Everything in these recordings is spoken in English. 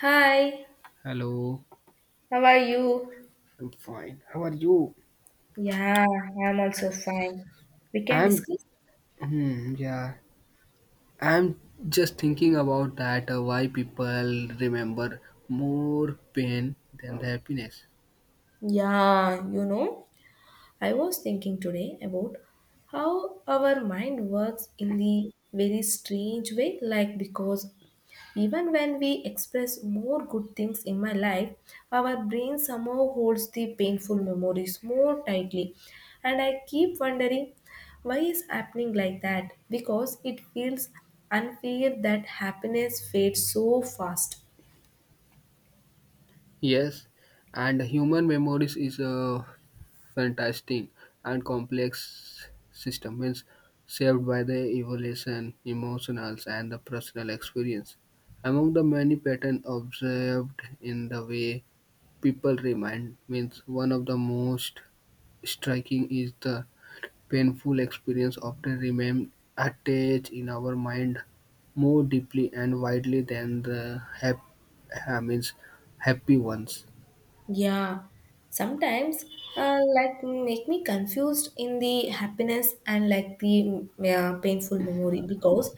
Hi, Hello, how are you? I'm fine. How are you? Yeah, I'm also fine. We can I'm, discuss? hmm, yeah, I'm just thinking about that why people remember more pain than the happiness. Yeah, you know, I was thinking today about how our mind works in the very strange way, like because even when we express more good things in my life, our brain somehow holds the painful memories more tightly. And I keep wondering why is happening like that? Because it feels unfair that happiness fades so fast. Yes, and human memories is a fantastic and complex system, means shaped by the evolution, emotionals, and the personal experience. Among the many patterns observed in the way people remind, means one of the most striking is the painful experience often remains attached in our mind more deeply and widely than the hap- I means happy ones. Yeah, sometimes like make me confused in the happiness and like the painful memory because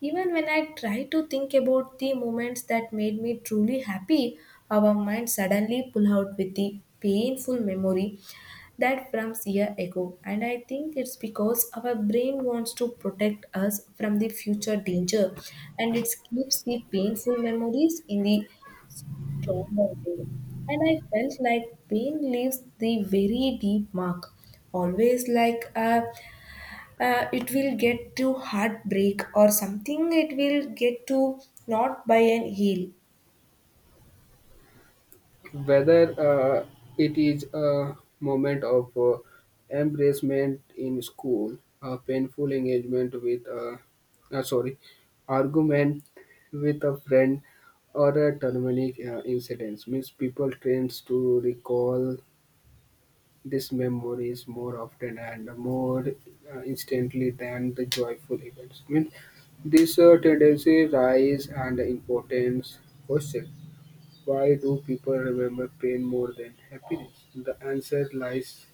even when I try to think about the moments that made me truly happy, our mind suddenly pull out with the painful memory that from year ago. And I think it's because our brain wants to protect us from the future danger and it keeps the painful memories in the trauma day. And I felt like pain leaves the very deep mark. Always like it will get to heartbreak or something, it will get to not by an heal. Whether it is a moment of embracement in school, a painful engagement with a sorry argument with a friend, or a traumatic incident. Means people tend to recall this memory is more often and more instantly than the joyful events. Means this tendency rise and importance question. Why do people remember pain more than happiness? The answer lies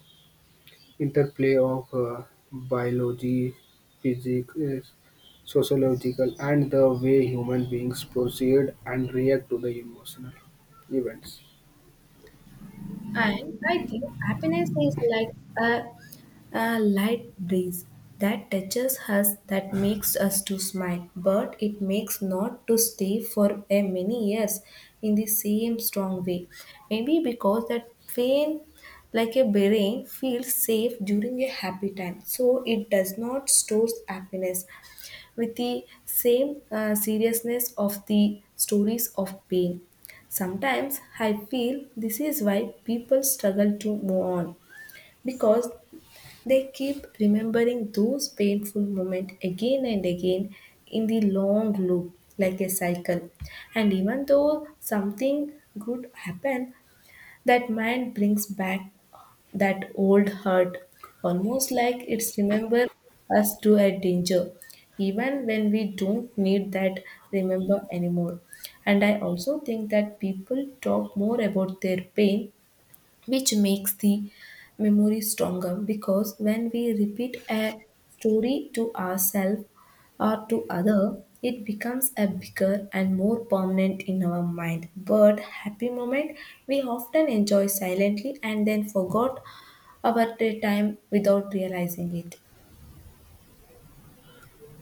interplay of biology, physics, sociological, and the way human beings proceed and react to the emotional events. And I think happiness is like a, a light breeze that touches us, that makes us to smile, but it makes not to stay for a many years in the same strong way. Maybe because that pain, like a brain, feels safe during a happy time, so it does not stores happiness with the same seriousness of the stories of pain. Sometimes I feel this is why people struggle to move on because they keep remembering those painful moments again and again in the long loop like a cycle. And even though something good happened, that mind brings back that old hurt, almost like it's remember us to a danger, even when we don't need that remember anymore. And I also think that people talk more about their pain, which makes the memory stronger, because when we repeat a story to ourselves or to other, it becomes a bigger and more permanent in our mind. But happy moment we often enjoy silently and then forgot about the time without realizing it.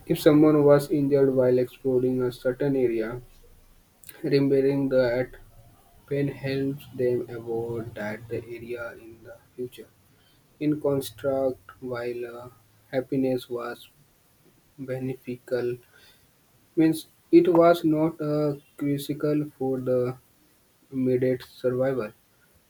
If someone was injured while exploring a certain area, remembering that pain helps them avoid that the area in the future. In construct, while happiness was beneficial, means it was not critical for the immediate survival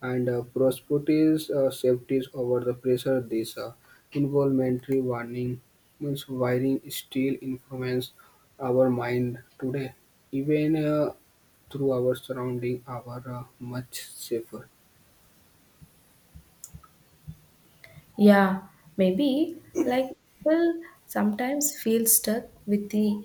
and prosperities safeties over the pressure. This involuntary warning means wiring still influence our mind today. Even through our surroundings are much safer. Yeah, maybe like people sometimes feel stuck with the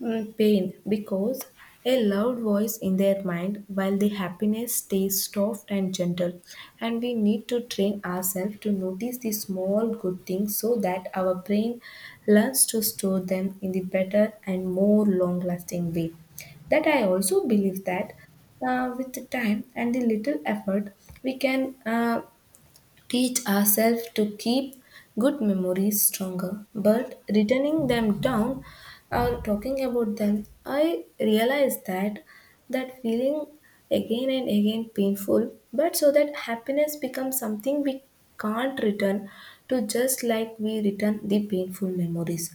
pain because a loud voice in their mind, while the happiness stays soft and gentle. And we need to train ourselves to notice the small good things so that our brain learns to store them in the better and more long lasting way. That I also believe that with the time and the little effort, we can teach ourselves to keep good memories stronger. But returning them down or talking about them, I realized that that feeling again and again painful, but so that happiness becomes something we can't return to just like we return the painful memories.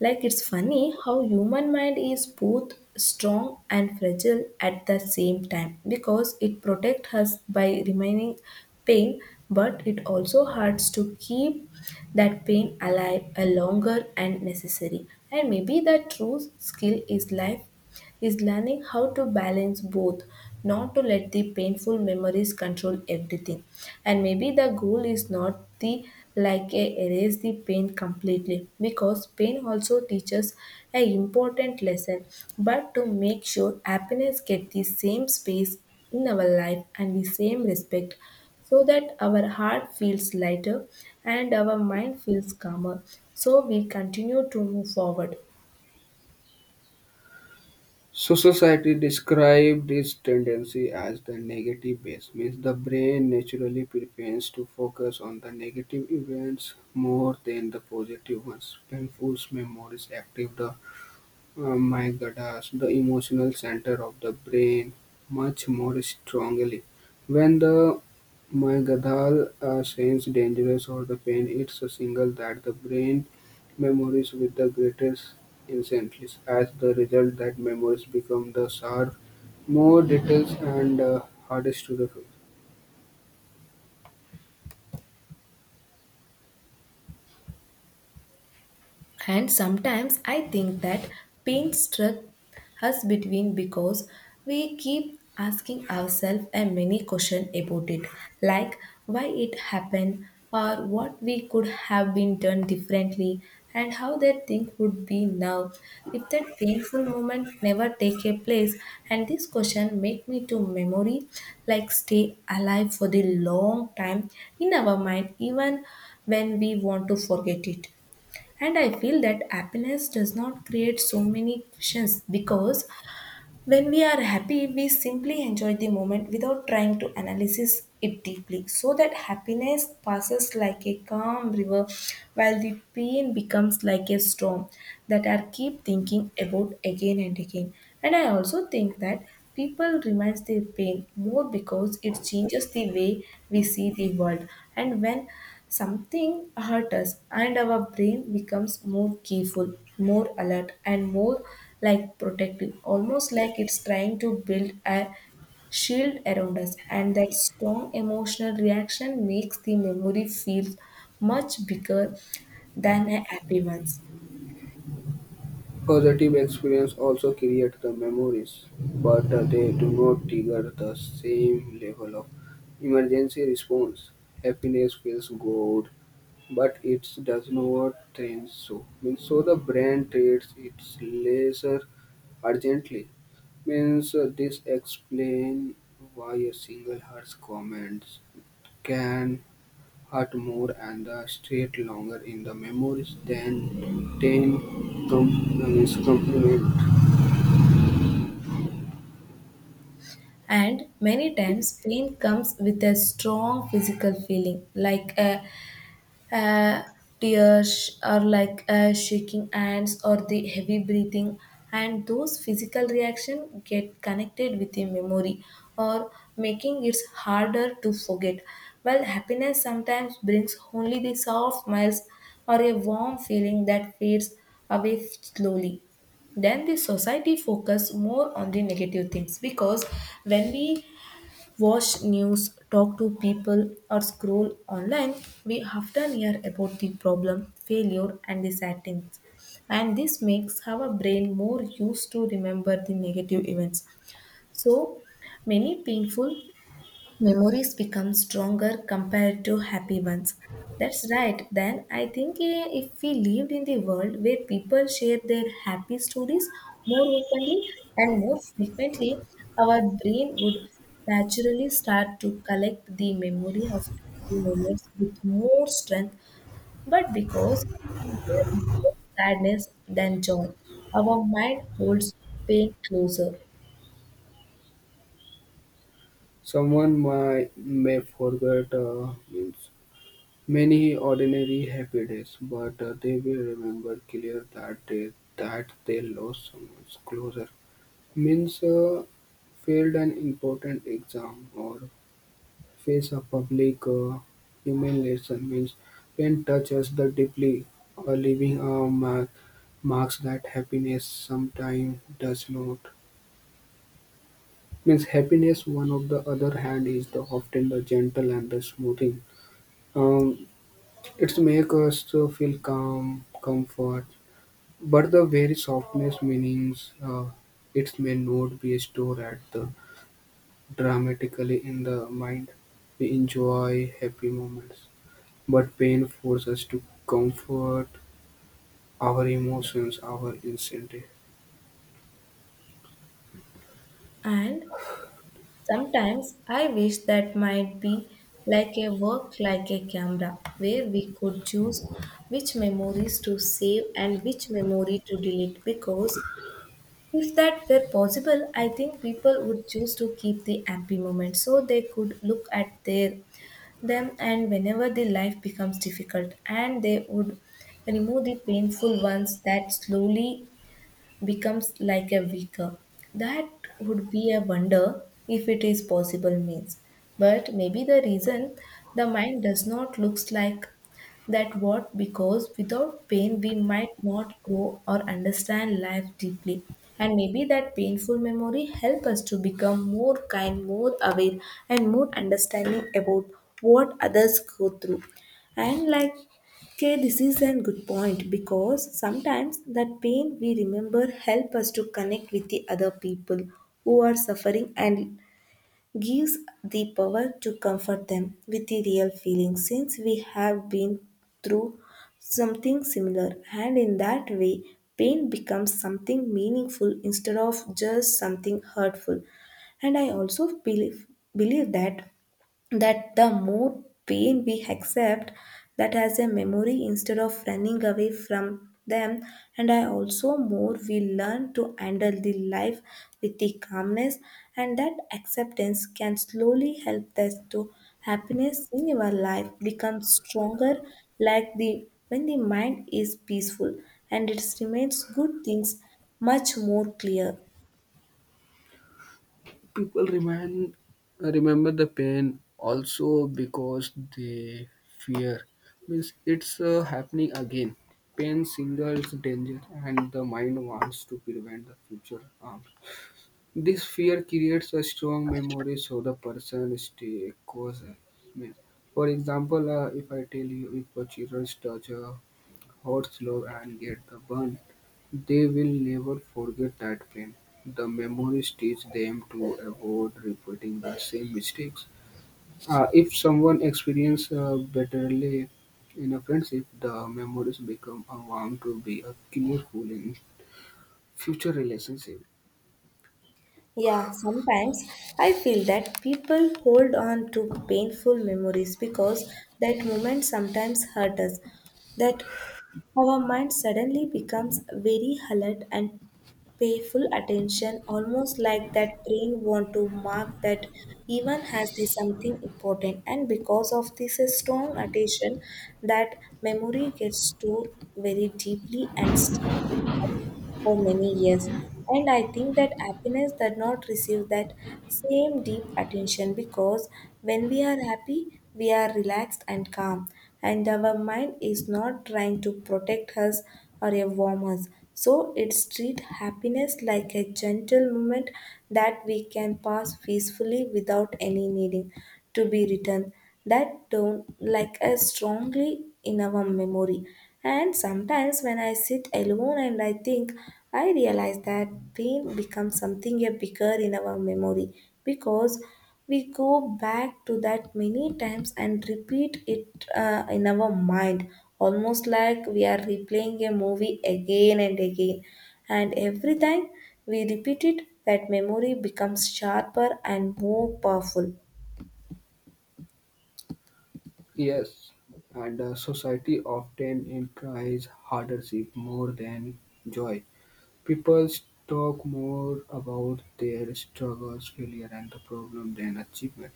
Like it's funny how human mind is both strong and fragile at the same time, because it protects us by remaining pain, but it also hurts to keep that pain alive a longer and necessary. And maybe the true skill is life is learning how to balance both, not to let the painful memories control everything. And maybe the goal is not the like a erase the pain completely, because pain also teaches an important lesson, but to make sure happiness get the same space in our life and the same respect, so that our heart feels lighter and our mind feels calmer, so we continue to move forward. So society described this tendency as the negative bias, means the brain naturally prefers to focus on the negative events more than the positive ones. Painful memories active the amygdalas, the emotional center of the brain, much more strongly. When the amygdala sense dangerous or the pain, it's a signal that the brain memories with the greatest intensity. As the result, that memories become the sharp, more details and hardest to the And sometimes I think that pain struck us between because we keep asking ourselves a many question about it, like why it happened or what we could have been done differently and how that thing would be now if that painful moment never take a place. And this question make me to memory like stay alive for the long time in our mind, even when we want to forget it. And I feel that happiness does not create so many questions, because when we are happy, we simply enjoy the moment without trying to analyze it deeply. So that happiness passes like a calm river, while the pain becomes like a storm that I keep thinking about again and again. And I also think that people reminds their pain more because it changes the way we see the world. And when something hurt us, and our brain becomes more careful, more alert, and more like protective, almost like it's trying to build a shield around us. And that strong emotional reaction makes the memory feel much bigger than a happy ones. positive experience also create the memories, but they do not trigger the same level of emergency response. Happiness feels good, but it does not think so. Means so the brain treats its lesser urgently. Means this explain why a single heart's comments can hurt more and the stay longer in the memories than ten compliment. And many times, pain comes with a strong physical feeling like a Uh, tears are like shaking hands or the heavy breathing, and those physical reactions get connected with the memory, or making it harder to forget, while happiness sometimes brings only the soft smiles or a warm feeling that fades away slowly. Then the society focus more on the negative things, because when we watch news, talk to people, or scroll online, we often hear about the problem, failure, and the sad things. And this makes our brain more used to remember the negative events. So many painful memories become stronger compared to happy ones. That's right. Then I think if we lived in the world where people share their happy stories more openly and more frequently, our brain would naturally start to collect the memory of happy moments with more strength. But because we hear more sadness than joy, our mind holds pain closer. Someone may forget means many ordinary happy days, but they will remember clear that day that they lost someone's closer. Means failed an important exam or face a public humiliation. Means pain touches the deeply, or leaving a mark marks that happiness sometimes does not. Means happiness, one of the other hand, is the often the gentle and the smoothing. Um, it's make us to feel calm, comfort, but the very softness meanings it may not be stored at the dramatically in the mind. We enjoy happy moments, but pain forces us to comfort our emotions, our incentive. And sometimes I wish that might be like a work like a camera where we could choose which memories to save and which memory to delete, because if that were possible, I think people would choose to keep the happy moments so they could look at their them and whenever the life becomes difficult, and they would remove the painful ones that slowly becomes like a weaker. That would be a wonder if it is possible means. But maybe the reason the mind does not looks like that, what, because without pain we might not grow or understand life deeply. And maybe that painful memory help us to become more kind, more aware, and more understanding about what others go through. And like okay, this is a good point, because sometimes that pain we remember help us to connect with the other people who are suffering and gives the power to comfort them with the real feeling since we have been through something similar. And in that way, pain becomes something meaningful instead of just something hurtful. And I also believe that that the more pain we accept that as a memory instead of running away from them, and I also more we learn to handle the life with the calmness, and that acceptance can slowly help us to happiness in your life become stronger, like the when the mind is peaceful, and it remains good things much more clear. people remind, Remember the pain also because they fear means it's happening again. Pain signals danger and the mind wants to prevent the future harm. This fear creates a strong memory so the person stay cautious. Means for example, if I tell you if a children touch a hot, slow and get the burn, they will never forget that pain. The memories teach them to avoid repeating the same mistakes. If someone experiences bitterly in a friendship, the memories become a vow to be a careful in future relationship. Yeah, sometimes I feel that people hold on to painful memories because that moment sometimes hurt us. That our mind suddenly becomes very alert and pay full attention, almost like that brain want to mark that even has the something important. And because of this strong attention, that memory gets stored very deeply and sticky for many years. And I think that happiness does not receive that same deep attention because when we are happy, we are relaxed and calm, and our mind is not trying to protect us or a warm us. So it's treat happiness like a gentle moment that we can pass peacefully without any needing to be returned, that don't like as strongly in our memory. And sometimes when I sit alone and I think, I realize that pain becomes something a bigger in our memory because we go back to that many times and repeat it in our mind, almost like we are replaying a movie again and again, and every time we repeat it, that memory becomes sharper and more powerful. Yes, and society often implies hardship more than joy. People talk more about their struggles, failure, and the problem than achievement.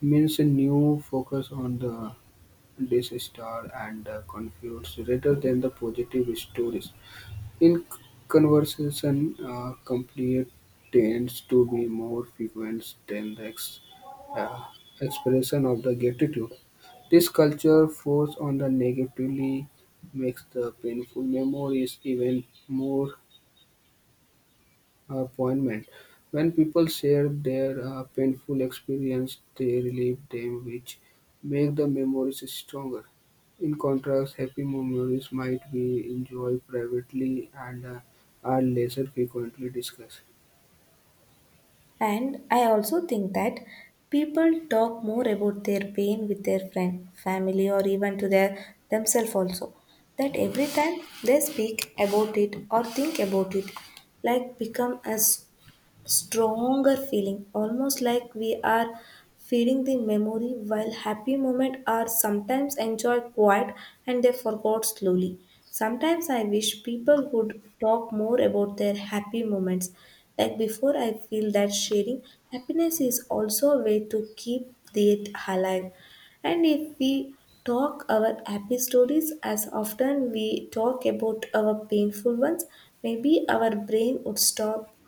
Means a new focus on the disaster and the conflicts rather than the positive stories. In conversation, complete tends to be more frequent than the uh, expression of the gratitude. This culture force on the negatively makes the painful memories even more appointment. When people share their painful experience, they relieve them, which make the memories stronger. In contrast, happy memories might be enjoyed privately and are less frequently discussed. And I also think that people talk more about their pain with their friend, family, or even to their themselves also. That every time they speak about it or think about it, like become a stronger feeling, almost like we are feeding the memory, while happy moments are sometimes enjoyed quiet and they forgot slowly. Sometimes I wish people would talk more about their happy moments, like before, I feel that sharing happiness is also a way to keep it alive. And if we talk our happy stories as often we talk about our painful ones, maybe our brain would stop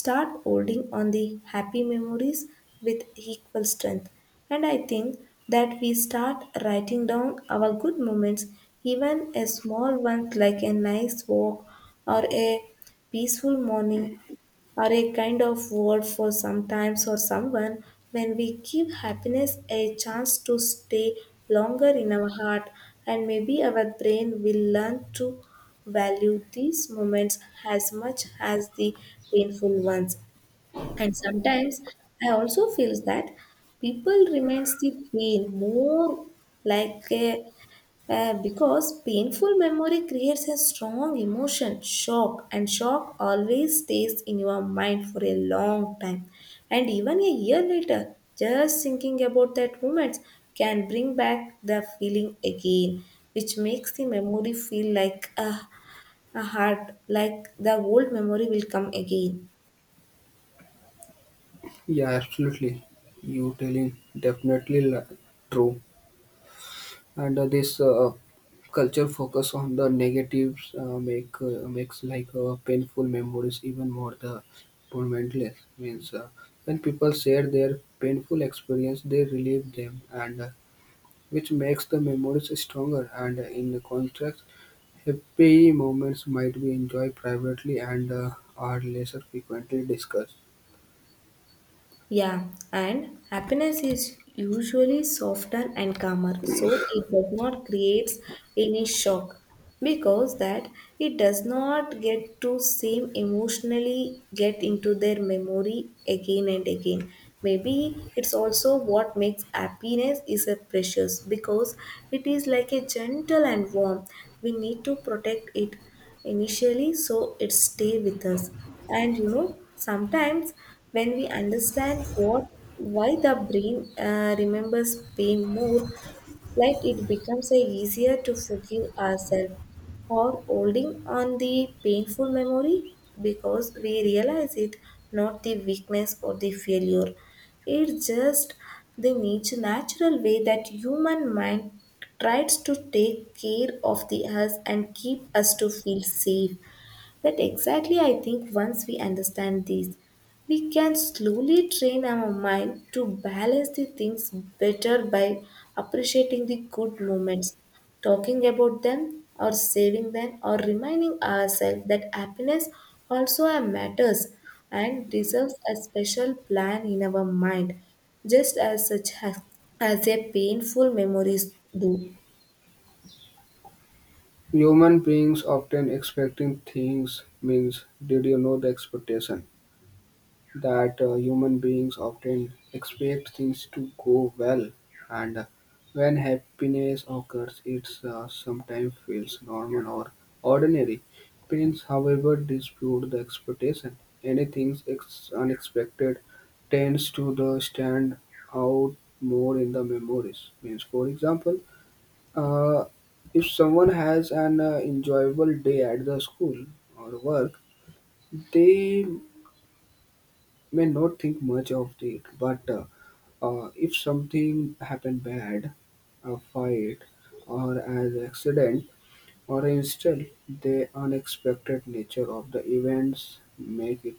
start holding on the happy memories with equal strength. And I think that we start writing down our good moments, even a small ones like a nice walk, or a peaceful morning, or a kind of word for sometimes or someone, when we give happiness a chance to stay longer in our heart. And maybe our brain will learn to value these moments as much as the painful ones. And sometimes I also feel that people remains the pain more like a, because painful memory creates a strong emotion, shock, and shock always stays in your mind for a long time. And even a year later, just thinking about that moment can bring back the feeling again, which makes the memory feel like a heart like the old memory will come again. Yeah, absolutely. You telling definitely li- True. And this culture focus on the negatives makes like painful memories even more the tormentless means when people share their painful experience they relieve them and which makes the memories stronger and in contrast happy moments might be enjoyed privately and are lesser frequently discussed. Yeah, and happiness is usually softer and calmer, so it does not create any shock, because that it does not get to same emotionally get into their memory again and again. Maybe it's also what makes happiness is a precious, because it is like a gentle and warm. We need to protect it initially so it stay with us. And you know sometimes when we understand what why the brain remembers pain more, like it becomes a easier to forgive ourselves or holding on the painful memory, because we realize it not the weakness or the failure. It's just the nature natural way that human mind tries to take care of the us and keep us to feel safe. That exactly, I think, once we understand this, we can slowly train our mind to balance the things better by appreciating the good moments, talking about them, or saving them, or reminding ourselves that happiness also matters and deserves a special plan in our mind, just as such as a painful memories do. Human beings often expecting things means did you know the expectation that human beings often expect things to go well, and when happiness occurs, it sometimes feels normal or ordinary. Pains, however, dispute the expectation. Anything unexpected tends to the stand out more in the memories. Means, for example, uh, if someone has an enjoyable day at the school or work, they may not think much of it, but if something happened bad, a fight, or an accident, or instead the unexpected nature of the events make it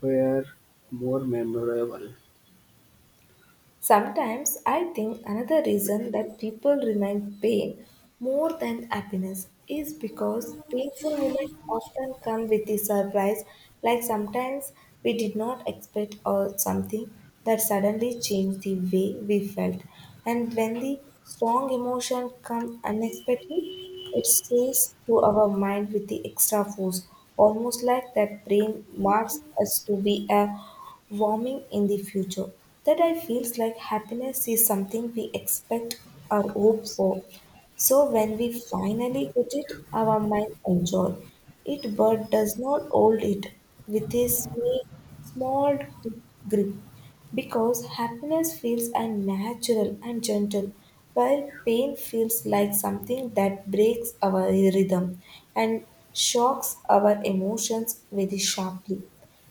far more memorable. Sometimes I think another reason that people remind pain more than happiness is because painful moments often come with a surprise, like sometimes we did not expect or something that suddenly changed the way we felt. And when the strong emotion come unexpectedly, it says to our mind with the extra force, almost like that brain marks us to be a warming in the future. That I feels like happiness is something we expect or hope for. So when we finally get it, our mind enjoy it, but does not hold it with small grip. Because happiness feels unnatural and gentle, while pain feels like something that breaks our rhythm and shocks our emotions very sharply.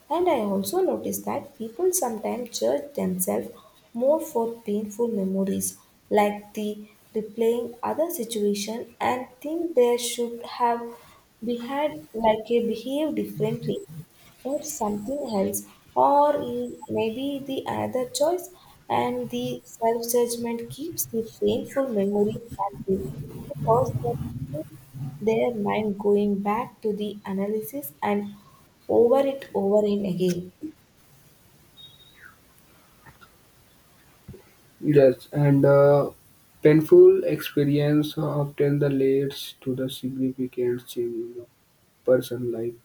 And I also notice that people sometimes judge themselves more for painful memories, like the replaying other situation and think they should have behaved like a behave differently for something else or maybe the another choice. And the self-judgment keeps the painful memory active, because that keeps their mind going back to the analysis and over it over and again. Yes, and painful experience often the leads to the significant change in the person life.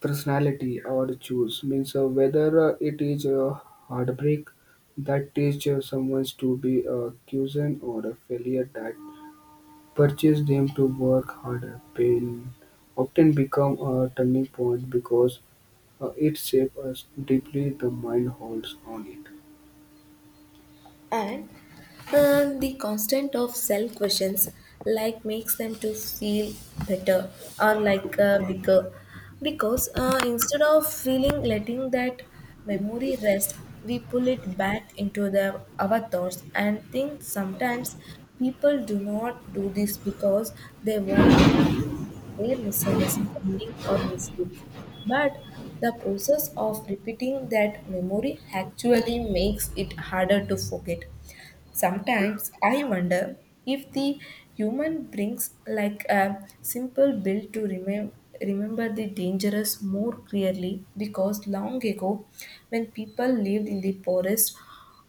Personality or choose means whether it is a heartbreak that teaches someone to be a chosen or a failure that purchase them to work harder. Pain often become a turning point because it shapes us deeply the mind holds on it And the constant of self questions like makes them to feel better or like bigger, because instead of feeling letting that memory rest, we pull it back into the our thoughts and think. Sometimes people do not do this because they want to their misunderstanding or mistakes, but the process of repeating that memory actually makes it harder to forget. Sometimes I wonder if the human brings like a simple bill to remember the dangerous more clearly, because long ago when people lived in the forest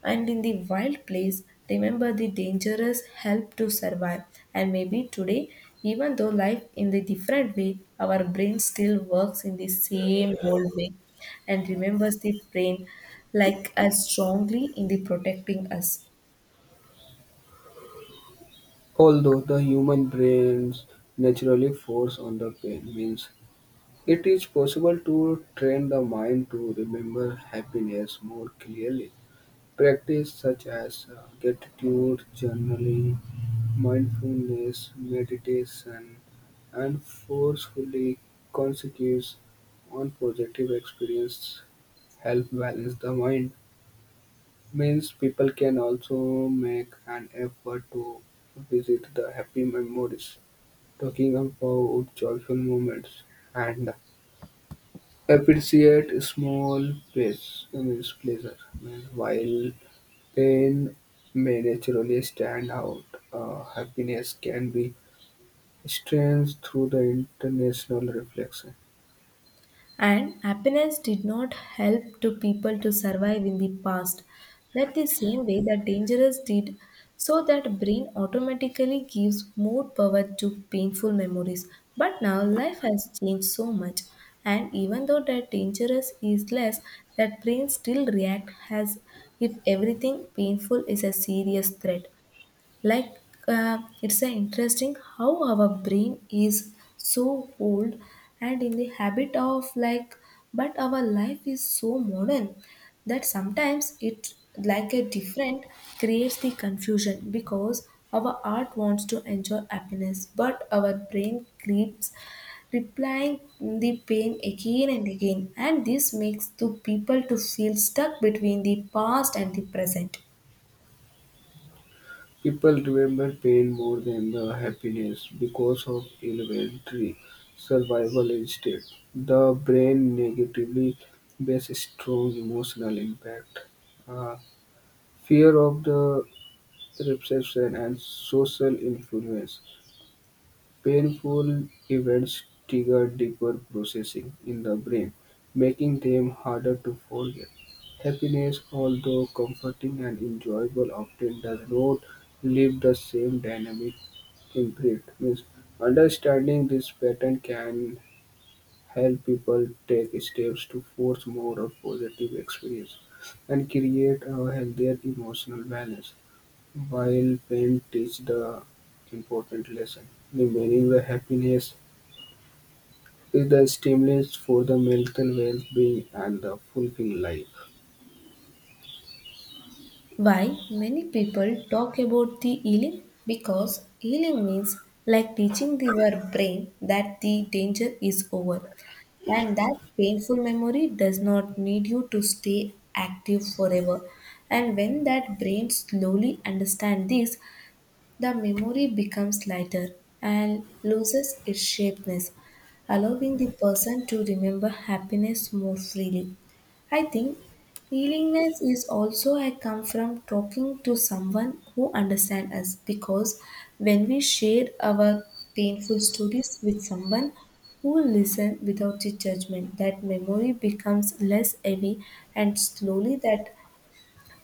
and in the wild place, remember the dangerous help to survive. And maybe today, even though life in the different way, our brain still works in the same old way and remembers the brain like as strongly in the protecting us. although the human brains naturally force on the pain means it is possible to train the mind to remember happiness more clearly. Practices such as gratitude journaling, mindfulness meditation, and forcefully consequence on positive experiences help balance the mind. Means people can also make an effort to visit the happy memories, talking about joyful moments, and appreciate small pleas- means pleasure means while pain may naturally stand out; happiness can be strengthened through the international reflection. And happiness did not help to people to survive in the past. That the same way that dangerous did, so that brain automatically gives more power to painful memories. But now life has changed so much, and even though that dangerous is less, that brain still react as if everything painful is a serious threat. Like it's interesting how our brain is so old and in the habit of like, but our life is so modern that sometimes it like a different creates the confusion, because our art wants to enjoy happiness but our brain keeps replying the pain again and again. And this makes the people to feel stuck between the past and the present. People remember pain more than the happiness because of elementary survival instinct. The brain negatively based strong emotional impact. Uh, Fear of the reception and social influence. Painful events trigger deeper processing in the brain, making them harder to forget. Happiness, although comforting and enjoyable, often does not leave the same dynamic imprint. Means understanding this pattern can help people take steps to force more of positive experience and create a healthier emotional balance. While pain teaches the important lesson, remaining the happiness is the stimulus for the mental well-being and the fulfilling life. Why many people talk about the healing? Because healing means like teaching their brain that the danger is over and that painful memory does not need you to stay active forever. And when that brain slowly understands this, the memory becomes lighter and loses its shapeness, allowing the person to remember happiness more freely. I think willingness is also a come from talking to someone who understands us, because when we share our painful stories with someone who listens without the judgment, that memory becomes less heavy. And slowly that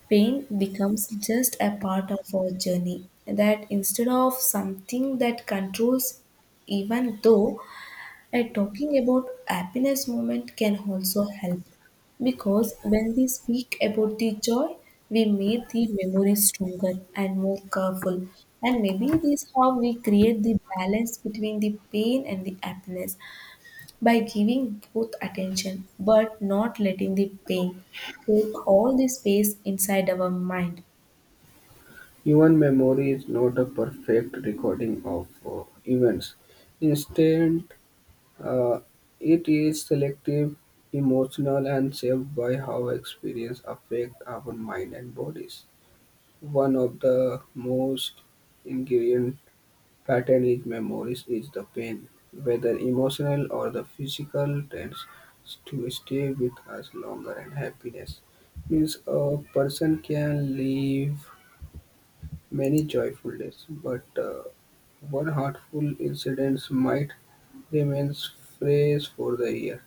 pain becomes just a part of our journey, that instead of something that controls, even though talking about happiness moment can also help. Because when we speak about the joy, we make the memory stronger and more colorful. And maybe this is how we create the balance between the pain and the happiness, by giving both attention but not letting the pain take all the space inside our mind. Human memory is not a perfect recording of events. Instead, uh, it is selective, emotional, and shaped by how experience affect our mind and bodies. One of the most ingredient pattern is memories is the pain, whether emotional or the physical, tends to stay with us longer and happiness. Means a person can live many joyful days, but one hurtful incident might remain fresh for the year.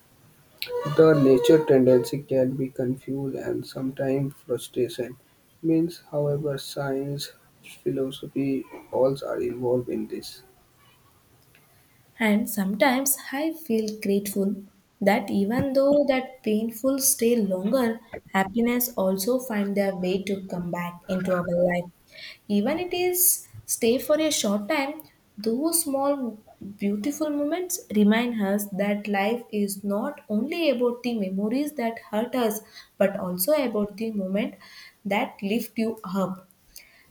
The nature tendency can be confused and sometimes frustration. Means, however, science, philosophy, all are involved in this. And sometimes I feel grateful that even though that painful stay longer, happiness also find their way to come back into our life. Even it is stay for a short time, those small beautiful moments remind us that life is not only about the memories that hurt us, but also about the moment that lift you up.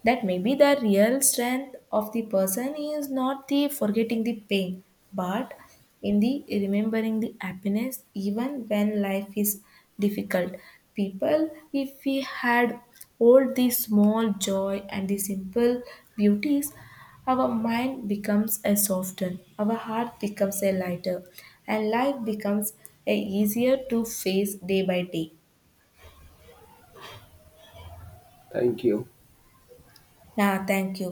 That maybe the real strength of the person is not the forgetting the pain, but in the remembering the happiness even when life is difficult. People if we had all the small joy and the simple beauties, our mind becomes a softened, our heart becomes a lighter, and life becomes a easier to face day by day. Thank you. Yeah, thank you.